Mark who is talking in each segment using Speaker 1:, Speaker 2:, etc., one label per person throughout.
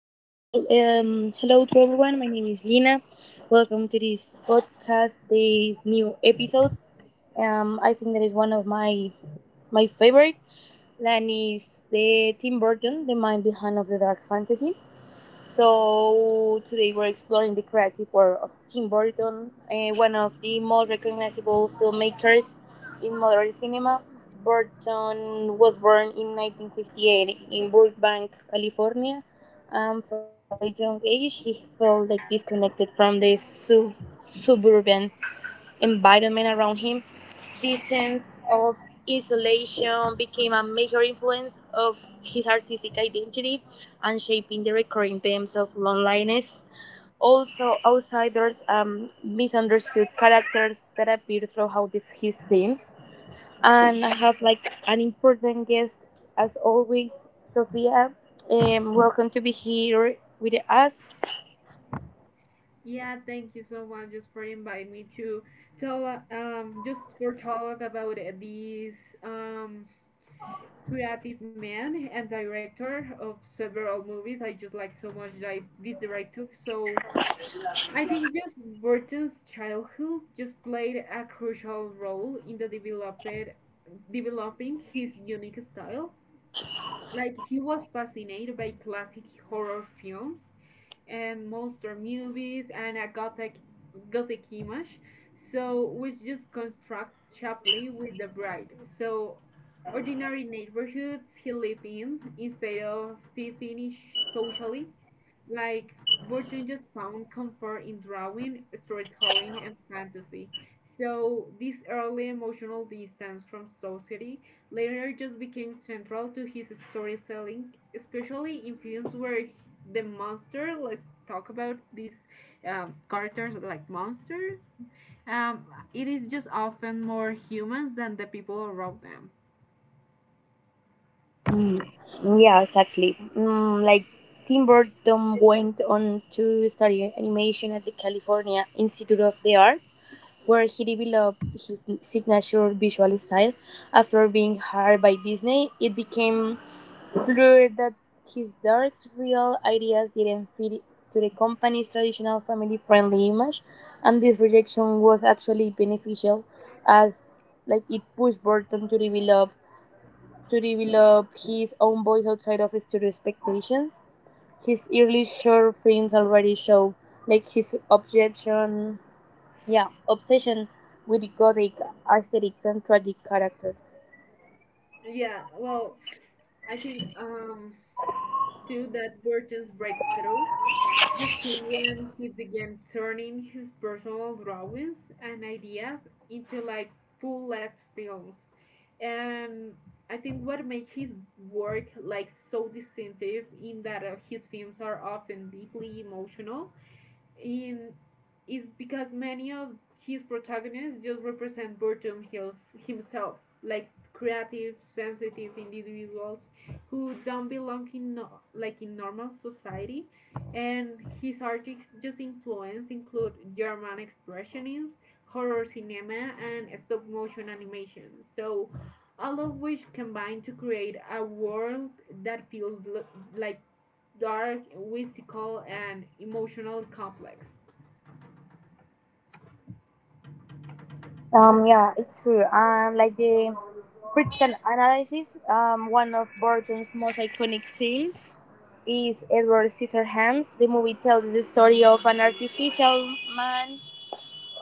Speaker 1: Hello to everyone. My name is Lina. Welcome to this podcast, this new episode. I think that is one of my favorite. And is the Tim Burton, the mind behind of the dark fantasy. So today we're exploring the creative world of Tim Burton, one of the most recognizable filmmakers in modern cinema. Burton was born in 1958 in Burbank, California. From a very young age, he felt like disconnected from the suburban environment around him. This sense of isolation became a major influence of his artistic identity and shaping the recurring themes of loneliness. Also, outsiders and misunderstood characters that appear throughout his films. And I have like an important guest as always, Sofia. Welcome to be here with us.
Speaker 2: yeah. Thank you so much just for inviting me to tell just for talk about this um creative man and director of several movies. I just like so much that this director. So I think just Burton's childhood just played a crucial role in the developed developing his unique style. Like he was fascinated by classic horror films and monster movies and a gothic image. So we just construct Chapley with the bride. So ordinary neighborhoods he lived in instead of fitting in socially. Like, Burton just found comfort in drawing, storytelling, and fantasy. So, this early emotional distance from society later just became central to his storytelling, especially in films where the monster, let's talk about these characters like monster, um, it is just often more humans than the people around them.
Speaker 1: Yeah, exactly. Mm, like Tim Burton went on to study animation at the California Institute of the Arts, where he developed his signature visual style. After being hired by Disney, it became clear that his dark, real ideas didn't fit to the company's traditional family-friendly image, and this rejection was actually beneficial, as like it pushed Burton to develop his own voice outside of studio expectations. His early short films already show like his objection, yeah, obsession with gothic aesthetics and tragic characters.
Speaker 2: Yeah, well, I think too that Burton's breakthrough Justly when he began turning his personal drawings and ideas into like full-length films. And I think what makes his work like so distinctive in that his films are often deeply emotional in is because many of his protagonists just represent Burton himself, like creative, sensitive individuals who don't belong in no, like in normal society. And his artists just influence include German expressionism, horror cinema, and stop motion animation. So all of which combine to create a world that feels like dark, whimsical, and emotional complex.
Speaker 1: Yeah, it's true. Like the critical analysis, one of Burton's most iconic films is Edward Scissorhands. The movie tells the story of an artificial man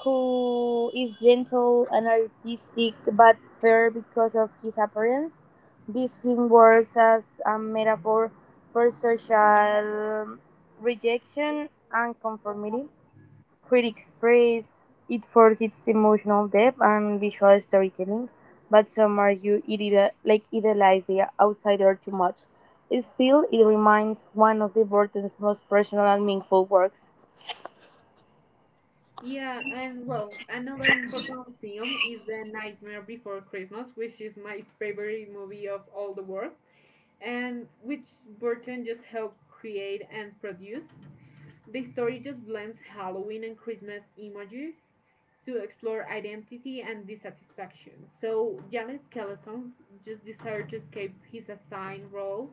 Speaker 1: who is gentle and artistic but fair because of his appearance. This film works as a metaphor for social rejection and conformity. Critics praise it for its emotional depth and visual storytelling, but some argue it like idolizes the outsider too much. Still, it remains one of the Burton's most personal and meaningful works.
Speaker 2: Yeah, and well, another important film is The Nightmare Before Christmas, which is my favorite movie of all the world, and which Burton just helped create and produce. The story just blends Halloween and Christmas imagery to explore identity and dissatisfaction. So, Janet Skeletons just desire to escape his assigned role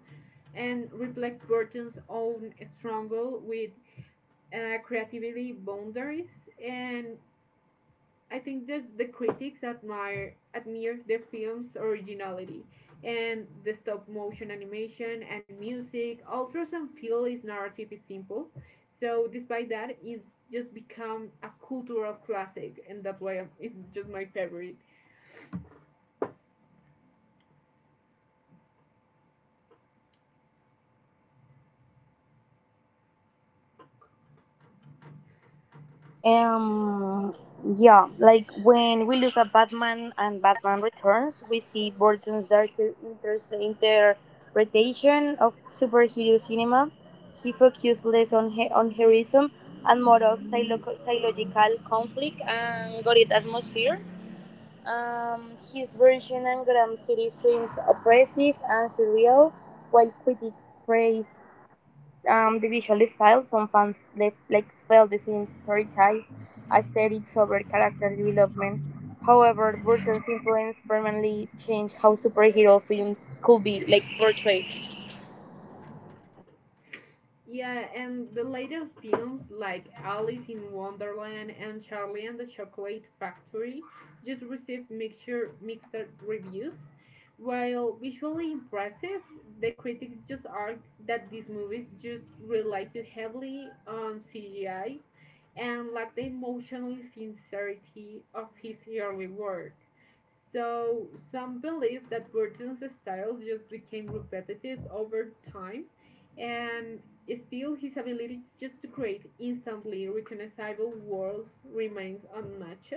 Speaker 2: and reflects Burton's own struggle with creativity boundaries, and I think there's the critics admire the film's originality and the stop motion animation and music. Although some feel its narrative is simple, so despite that, it just become a cultural classic, and that's why I'm, it's just my favorite.
Speaker 1: Um, yeah, like when we look at Batman and Batman Returns, we see Burton's darker interpretation of superhero cinema. He focused less on heroism and more of psychological conflict and gothic atmosphere. His version and Grand City films oppressive and surreal, while critics praise the visual style. Some fans left, like felt the film's prioritized aesthetics over character development. However, Burton's influence permanently changed how superhero films could be like portrayed.
Speaker 2: Yeah, and the later films like Alice in Wonderland and Charlie and the Chocolate Factory just received mixed reviews. While visually impressive, the critics just argued that these movies just relied too heavily on CGI and lacked the emotional sincerity of his early work. So some believe that Burton's style just became repetitive over time, and still his ability just to create instantly recognizable worlds remains unmatched,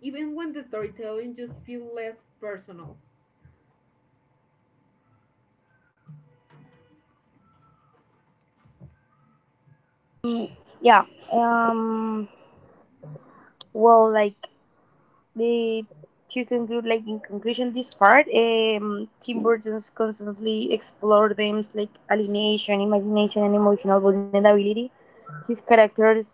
Speaker 2: even when the storytelling just feels less personal.
Speaker 1: Yeah. Um. Well, like the To conclude, like in conclusion, this part, Tim Burton's constantly explored themes like alienation, imagination, and emotional vulnerability. His characters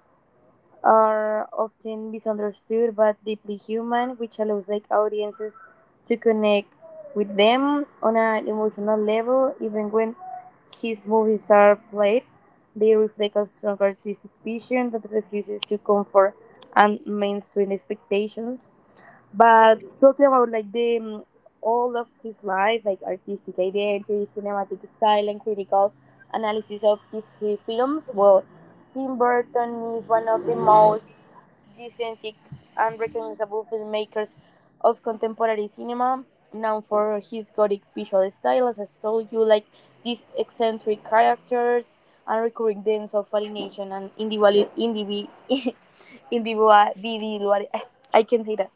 Speaker 1: are often misunderstood but deeply human, which allows like audiences to connect with them on an emotional level, even when his movies are flat. They reflect a strong artistic vision that refuses to comfort and mainstream expectations. But talking about like all of his life, like artistic identity, cinematic style, and critical analysis of his films, well, Tim Burton is one of the most distinct and recognizable filmmakers of contemporary cinema, known for his gothic visual style, as I told you, like these eccentric characters and recurring themes of alienation and individual, I can say that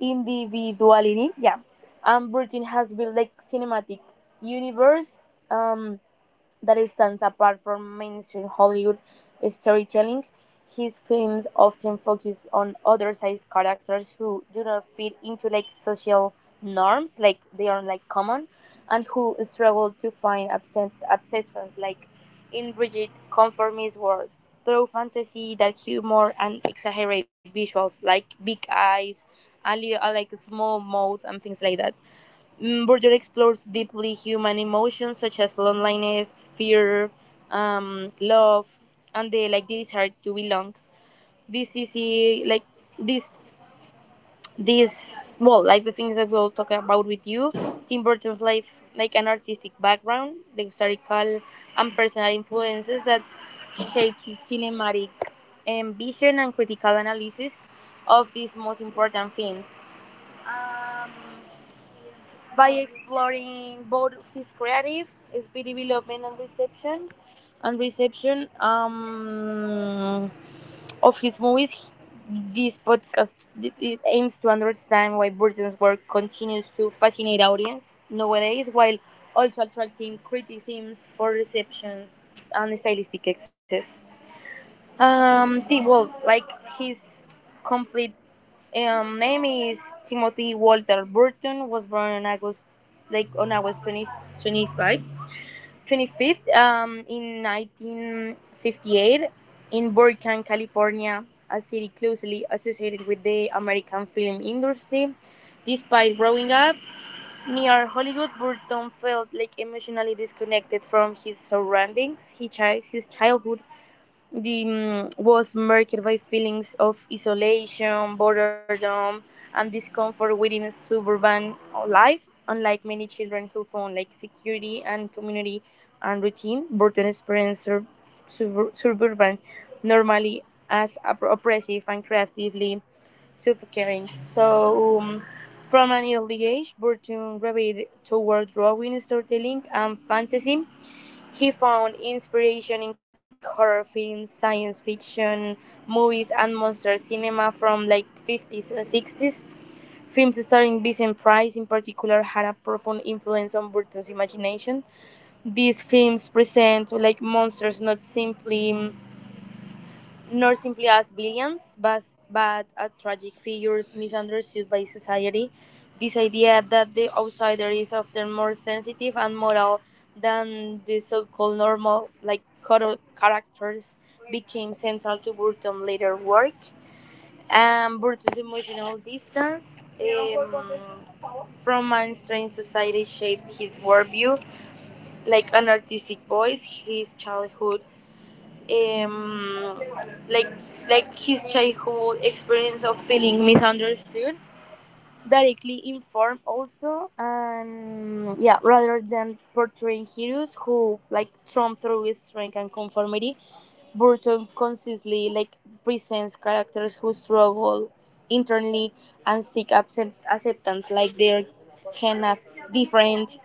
Speaker 1: individuality, yeah. And Britain has built like cinematic universe. Um, that stands apart from mainstream Hollywood storytelling. His films often focus on othersized characters who do not fit into like social norms, like they are like common, and who struggle to find acceptance, like in rigid conformist world. Through fantasy, dark humor and exaggerate visuals, like big eyes, a little, like small mouth, and things like that. Mm, Bourdieu explores deeply human emotions such as loneliness, fear, love, and the like desire to belong. This is a, like this this well like The things that we'll talk about with you. Tim Burton's life, like an artistic background, the historical and personal influences that shaped his cinematic ambition and critical analysis of these most important films. By exploring both his creative speedy development and reception of his movies. This podcast it aims to understand why Burton's work continues to fascinate audience nowadays, while also attracting criticisms for receptions and stylistic excess. The, well, like His complete name is Timothy Walter Burton. Was born on August, like on August 20, 25, 25th, in 1958 in Burbank, California, a city closely associated with the American film industry. Despite growing up near Hollywood, Burton felt like emotionally disconnected from his surroundings. He his childhood was marked by feelings of isolation, boredom, and discomfort within suburban life. Unlike many children who found like security and community and routine, Burton experienced suburban normally as oppressive and creatively suffocating. So, from an early age, Burton gravitated toward drawing, storytelling, and fantasy. He found inspiration in classic horror films, science fiction movies, and monster cinema from like 50s and 60s. Films starring Vincent Price, in particular, had a profound influence on Burton's imagination. These films present like monsters not simply mm, nor simply as villains, but as tragic figures misunderstood by society. This idea that the outsider is often more sensitive and moral than the so called normal, like characters, became central to Burton's later work. And Burton's emotional distance from mainstream society shaped his worldview like an artistic voice. His childhood um, like his childhood experience of feeling misunderstood directly inform also and yeah, rather than portraying heroes who like trump through his strength and conformity, Burton consistently like presents characters who struggle internally and seek acceptance, like they're kind of different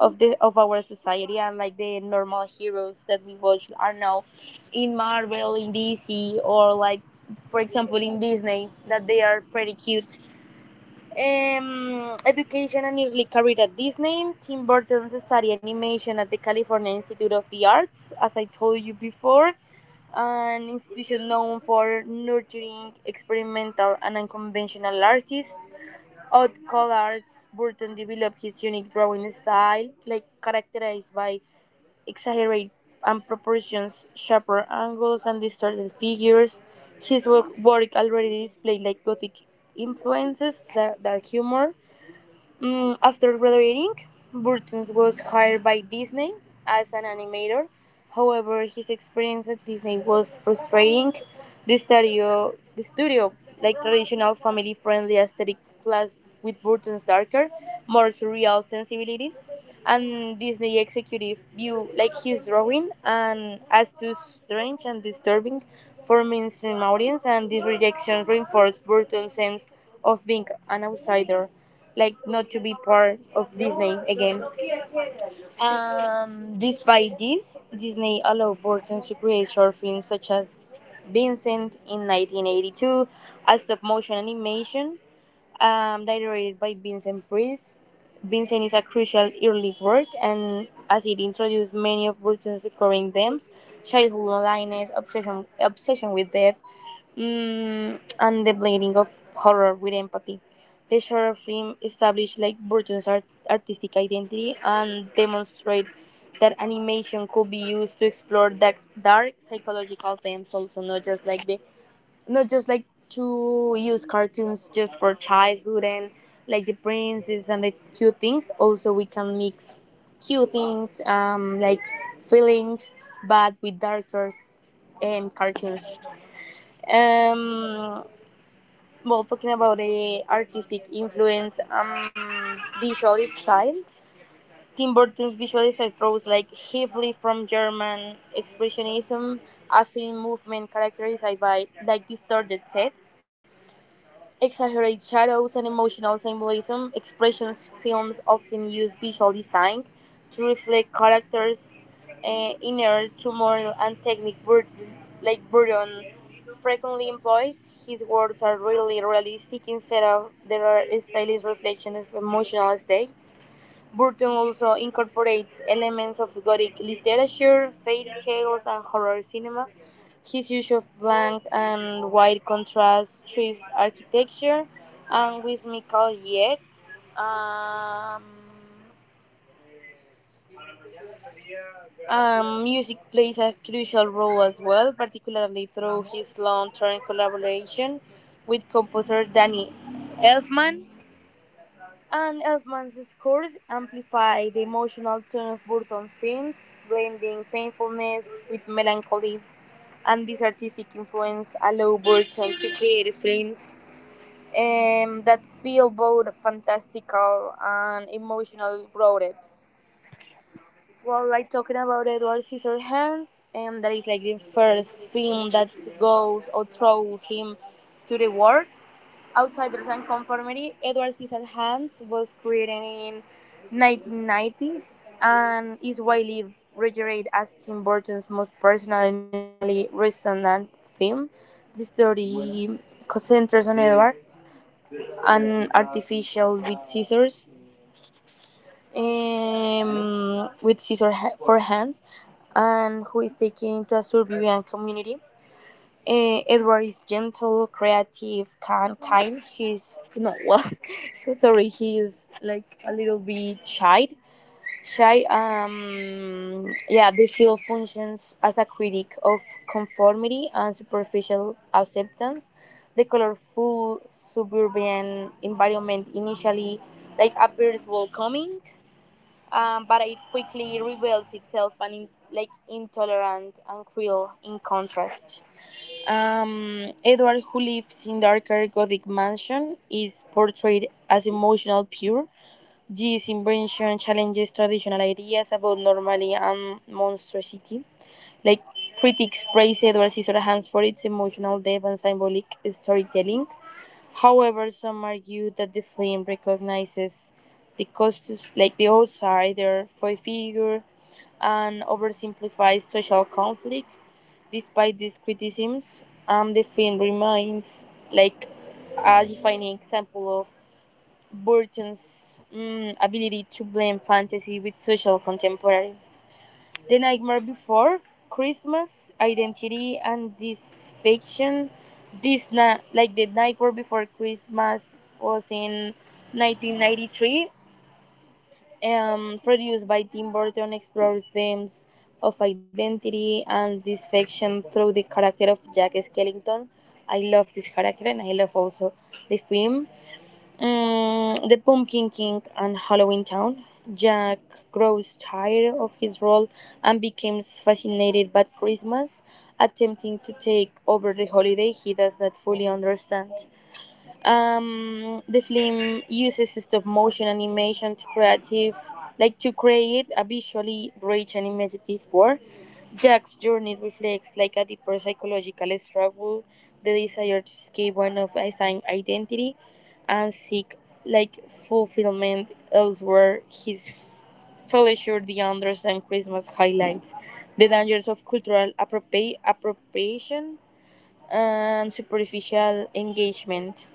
Speaker 1: of our society. And like the normal heroes that we watch are now in Marvel, in DC, or like for example in Disney, that they are pretty cute. Education and early career at Disney. Tim Burton studied animation at the California Institute of the Arts, as I told you before, an institution known for nurturing experimental and unconventional artists. Odd call arts, Burton developed his unique drawing style, like characterized by exaggerated and proportions, sharper angles, and distorted figures. His work, already displayed like gothic influences, dark humor. Mm, after graduating, Burton was hired by Disney as an animator. However, his experience at Disney was frustrating. The studio, like traditional family-friendly aesthetic, clashed with Burton's darker, more surreal sensibilities, and Disney executive view like his drawing and as too strange and disturbing for mainstream audience. And this rejection reinforced Burton's sense of being an outsider, like not to be part of Disney again. Despite this, Disney allowed Burton to create short films such as Vincent in 1982, a stop motion animation directed by Vincent Price. Vincent is a crucial early work, and as it introduced many of Burton's recurring themes: childhood loneliness, obsession with death, mm, and the blending of horror with empathy. The short film established like Burton's artistic identity and demonstrated that animation could be used to explore dark psychological themes, also not just like the not just like to use cartoons just for childhood and like the princess and the cute things. Also, we can mix cute things, like feelings, but with darker cartoons. Um, talking about the artistic influence, visual style. Tim Burton's visual style draws like heavily from German expressionism, a film movement characterized by like distorted sets, exaggerate shadows and emotional symbolism. Expressionist films often use visual design to reflect characters' inner turmoil and technique Burton frequently employs. His words are really realistic instead of their stylized reflection of emotional states. Burton also incorporates elements of Gothic literature, fairy tales, and horror cinema. His use of blank and white contrast trees architecture, and whimsical yet um, music plays a crucial role as well, particularly through his long-term collaboration with composer Danny Elfman. And Elfman's scores amplify the emotional tone of Burton's films, blending painfulness with melancholy. And this artistic influence allowed Burton to create films that feel both fantastical and emotional grounded. Well, like talking about Edward Scissorhands, and that is like the first film that goes or throws him to the world. Outsiders and Conformity, Edward Scissorhands was created in 1990 and is widely regarded as Tim Burton's most personal and emotionally resonant film. This story concentrates on Edward, an artificial with scissors, um, with scissors for hands, and who is taken into a suburban community. Edward is gentle, creative, kind. She's no well. Sorry, he is like a little bit shy. Shy. Yeah, the field functions as a critic of conformity and superficial acceptance. The colorful suburban environment initially like appears welcoming, but it quickly reveals itself and in, like intolerant and cruel in contrast. Edward, who lives in darker Gothic mansion, is portrayed as emotional pure. This invention challenges traditional ideas about normality and monstrosity. Like critics praise Edward Scissorhands for its emotional depth and symbolic storytelling. However, some argue that the film recognizes the costumes like the outsider foil figure and oversimplifies social conflict. Despite these criticisms, the film remains like a defining example of Burton's ability to blend fantasy with social contemporary. "The Nightmare Before Christmas", "Identity and Disfection. This Deception," like "The Nightmare Before Christmas" was in 1993, produced by Tim Burton, explores themes of identity and deception through the character of Jack Skellington. I love this character, and I love also the film. Mm, the Pumpkin King and Halloween Town. Jack grows tired of his role and becomes fascinated by Christmas, attempting to take over the holiday he does not fully understand. The film uses stop motion animation to creative, to create a visually rich and imaginative work. Jack's journey reflects a deeper psychological struggle, the desire to escape one of his own identity, and seek fulfillment elsewhere. His Fellowship the Anders and Christmas highlights the dangers of cultural appropriation and superficial engagement.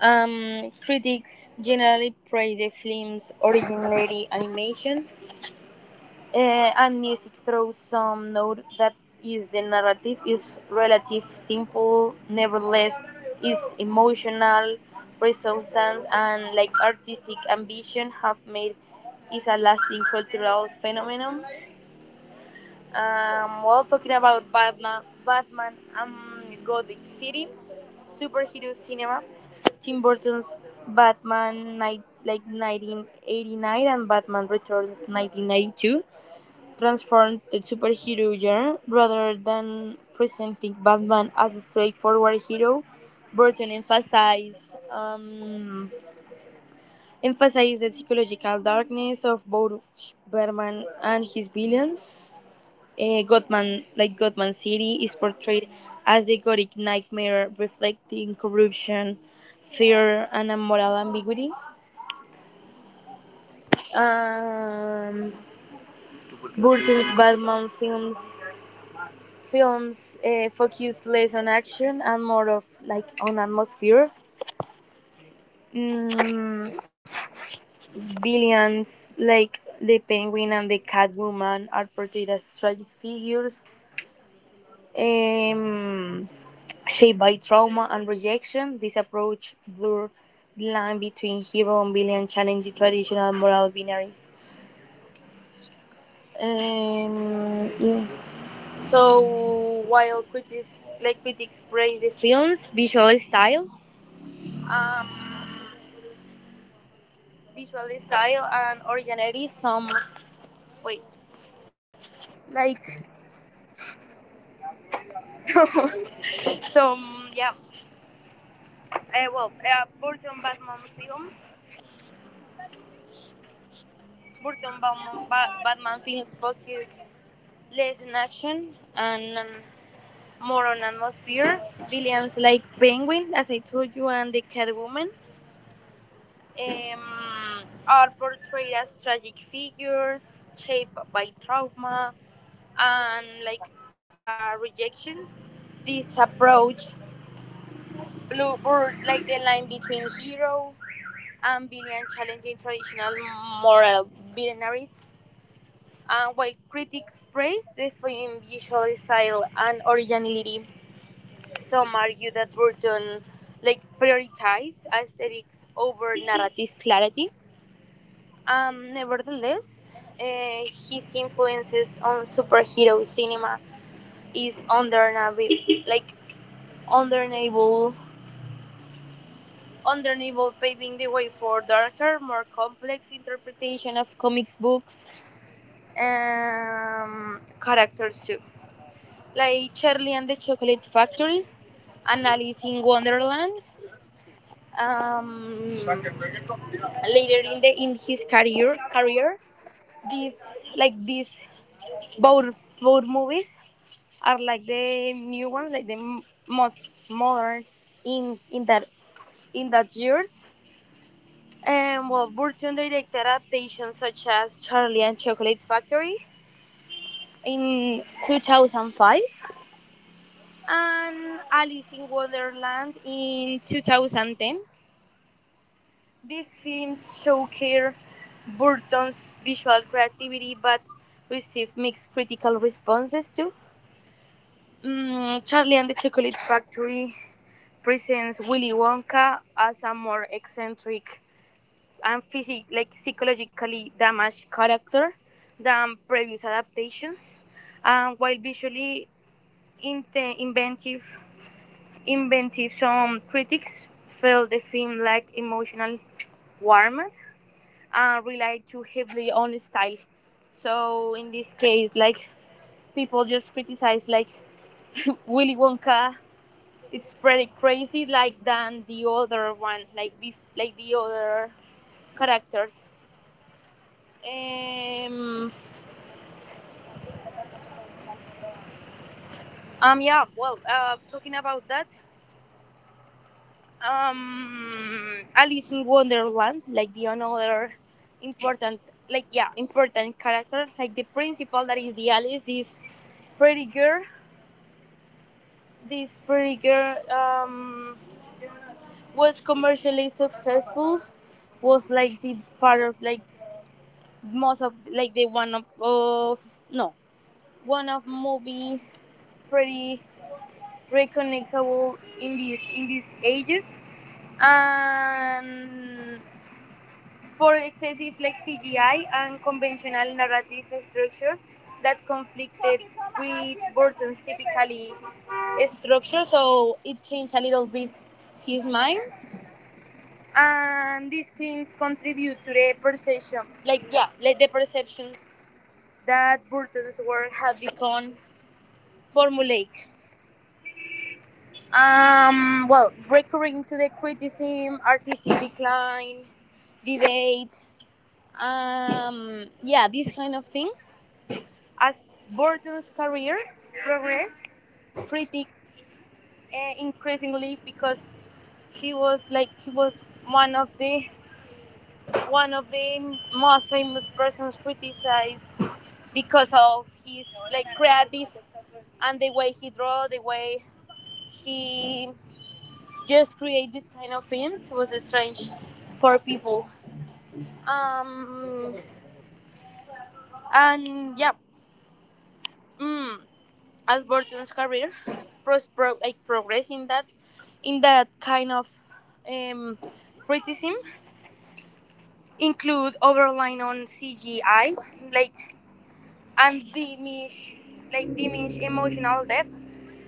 Speaker 1: Critics generally praised the film's originality, animation, and music, though some note that is the narrative is relatively simple. Nevertheless, its emotional resonance and artistic ambition have made it a lasting cultural phenomenon. Talking about Batman, Batman and Gothic City, superhero cinema, Tim Burton's Batman night, like 1989, and Batman Returns 1992 transformed the superhero genre rather than presenting Batman as a straightforward hero. Burton emphasized emphasized the psychological darkness of both Batman and his villains. Gotham, like Gotham City, is portrayed as a gothic nightmare reflecting corruption, fear, and a moral ambiguity. Um, Burton's Batman films focus less on action and more of on atmosphere. Mm, villains like the Penguin and the Catwoman are portrayed as tragic figures. Um, Shaped by trauma and rejection, this approach blurred the line between hero and villain, challenging traditional moral binaries. Yeah. So while critics praise the film's um, visual style and originality, some wait, like so, some, yeah. Burton Batman film, Burton Batman, Batman films focus less on action and more on atmosphere. Villains like Penguin, as I told you, and the Catwoman um, are portrayed as tragic figures shaped by trauma and rejection. This approach blurs the line between hero and villain, challenging traditional moral binaries. And while critics praise the film's visual style and originality, some argue that Burton prioritized aesthetics over narrative clarity. Nevertheless, his influences on superhero cinema is undeniable, like undeniable, undeniable, paving the way for darker, more complex interpretation of comics books characters too, like Charlie and the Chocolate Factory, Alice in Wonderland. um, Later in his career these like these both both movies are like the new ones like most modern in in that in that years. And well, Burton directed adaptations such as Charlie and Chocolate Factory in 2005 and Alice in Wonderland in 2010. These films showcase Burton's visual creativity but received mixed critical responses too. Mm, Charlie and the Chocolate Factory presents Willy Wonka as a more eccentric and psychologically damaged character than previous adaptations. And While visually inte- inventive, inventive, some critics felt the film lacked emotional warmth, rely too heavily on style. So in this case, people just criticize like Willy Wonka. It's pretty crazy, like than the other one, like the other characters. Um, yeah. Talking about that, Alice in Wonderland, like the another important, like yeah, important character, like the principal that is the Alice is pretty girl. This figure was commercially successful. Was like the part of like most of like the one of no, one of movie pretty recognizable in these ages and for excessive like CGI and conventional narrative structure that conflicted with Burton's typically structure, so it changed a little bit his mind. And these films contribute to the perception, like yeah, like the perceptions that Burton's work had become formulaic. Recurring to the criticism, artistic decline, debate, yeah, these kind of things. As Burton's career progressed, critics increasingly, because he was one of the most famous persons criticized because of his creative and the way he draw, the way he just create this kind of films was strange for people. Um, and yeah, mm, as Burton's career progress in that kind of um, criticism include overline on CGI, like and diminish emotional depth.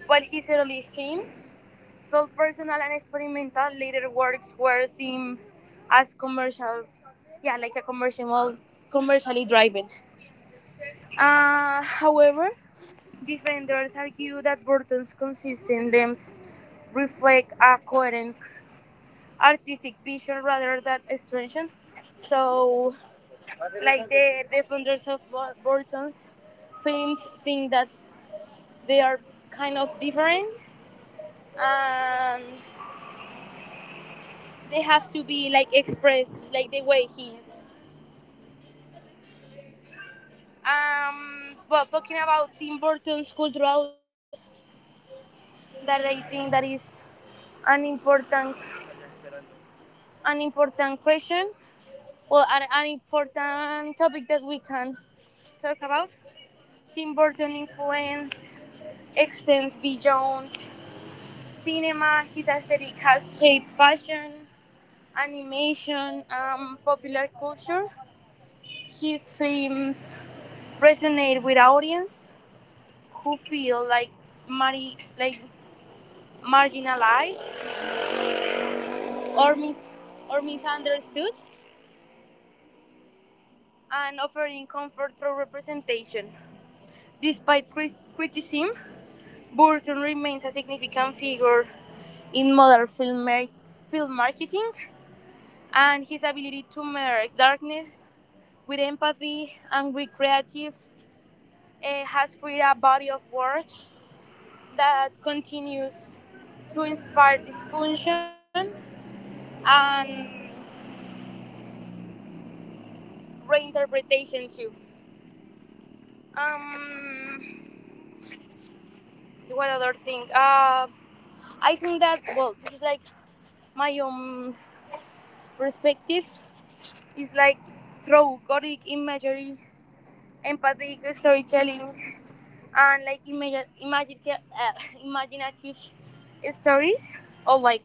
Speaker 1: While his early films felt personal and experimental, later works were seen as commercial, yeah, commercially driven. However, defenders argue that Burton's consistent themes reflect a coherent artistic vision rather than extension. So, like the defenders of Burton's films think that they are kind of different and they have to be like expressed like the way he is. Talking about Tim Burton's cultural legacy, that I think that is an important, an important question, well, an important topic that we can talk about. Tim Burton influence extends beyond cinema. His aesthetic has shaped fashion, animation, and popular culture. His films resonate with audiences who feel like mari- like marginalized or, mis- or misunderstood, and offering comfort through representation. Despite criticism, Burton remains a significant figure in modern film, film marketing, and his ability to mirror darkness with empathy and with creative, eh, has created a body of work that continues to inspire discussion and reinterpretation too. Um, what other thing? I think that well, this is like my own perspective. It's like through gothic imagery, empathic storytelling, and like imaginative stories or like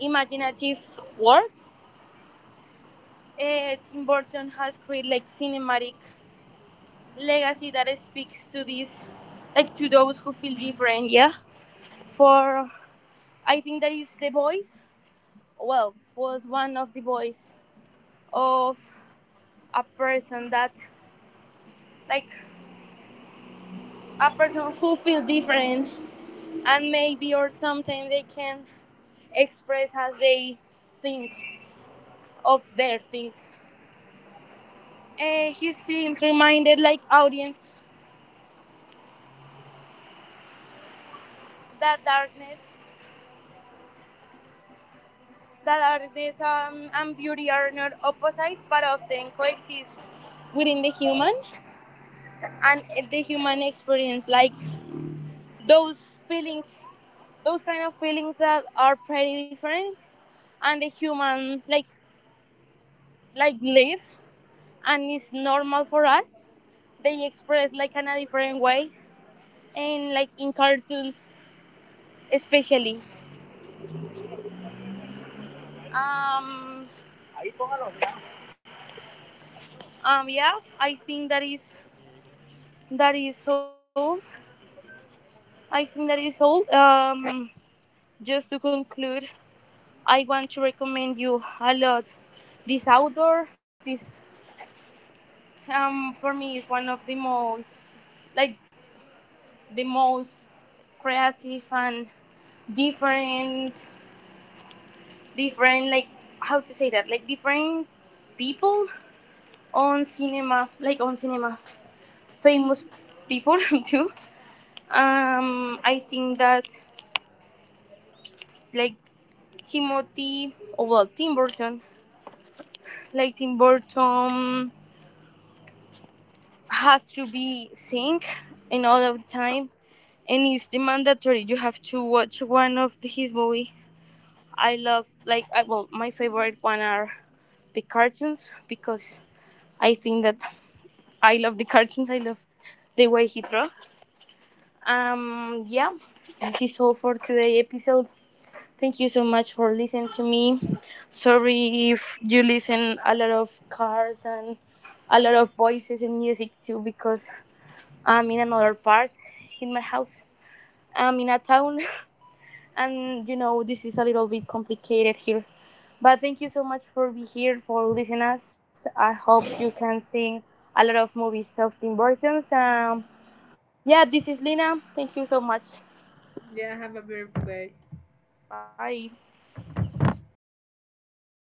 Speaker 1: imaginative words. Tim Burton has created like cinematic legacy that speaks to this, like to those who feel different. Yeah, for I think that is the voice. Well, was one of the voice of a person that like a person who feels different and maybe or sometimes they can express as they think of their things. Eh, his films reminded like audience that darkness, and beauty are not opposites but often coexist within the human and the human experience. Like those feelings, those kind of feelings that are pretty different and the human like live and it's normal for us, they express like in a different way and like in cartoons especially. um yeah, I think that is all. I think that is all. Um, just to conclude, I want to recommend you a lot this outdoor, this, um, for me is one of the most like the most creative and different, different like how to say that, like different people on cinema, famous people too. Um, I think that, like, timothy, or well, Tim Burton, like tim burton has to be synced in all of the time, and it's the mandatory you have to watch one of his movies. I love like I, well My favorite one are the cartoons because I think that I love the cartoons. I love the way he draws. Yeah, this is all for today episode. Thank you so much for listening to me. Sorry if you listen a lot of cars and a lot of voices and music too, because I'm in another part in my house. I'm in a town. And you know, this is a little bit complicated here, but thank you so much for being here, for listening us. I hope you can sing a lot of movies of the importance. Um, yeah, this is Lina. Thank you so much.
Speaker 2: Yeah, have a fair play.
Speaker 1: Bye.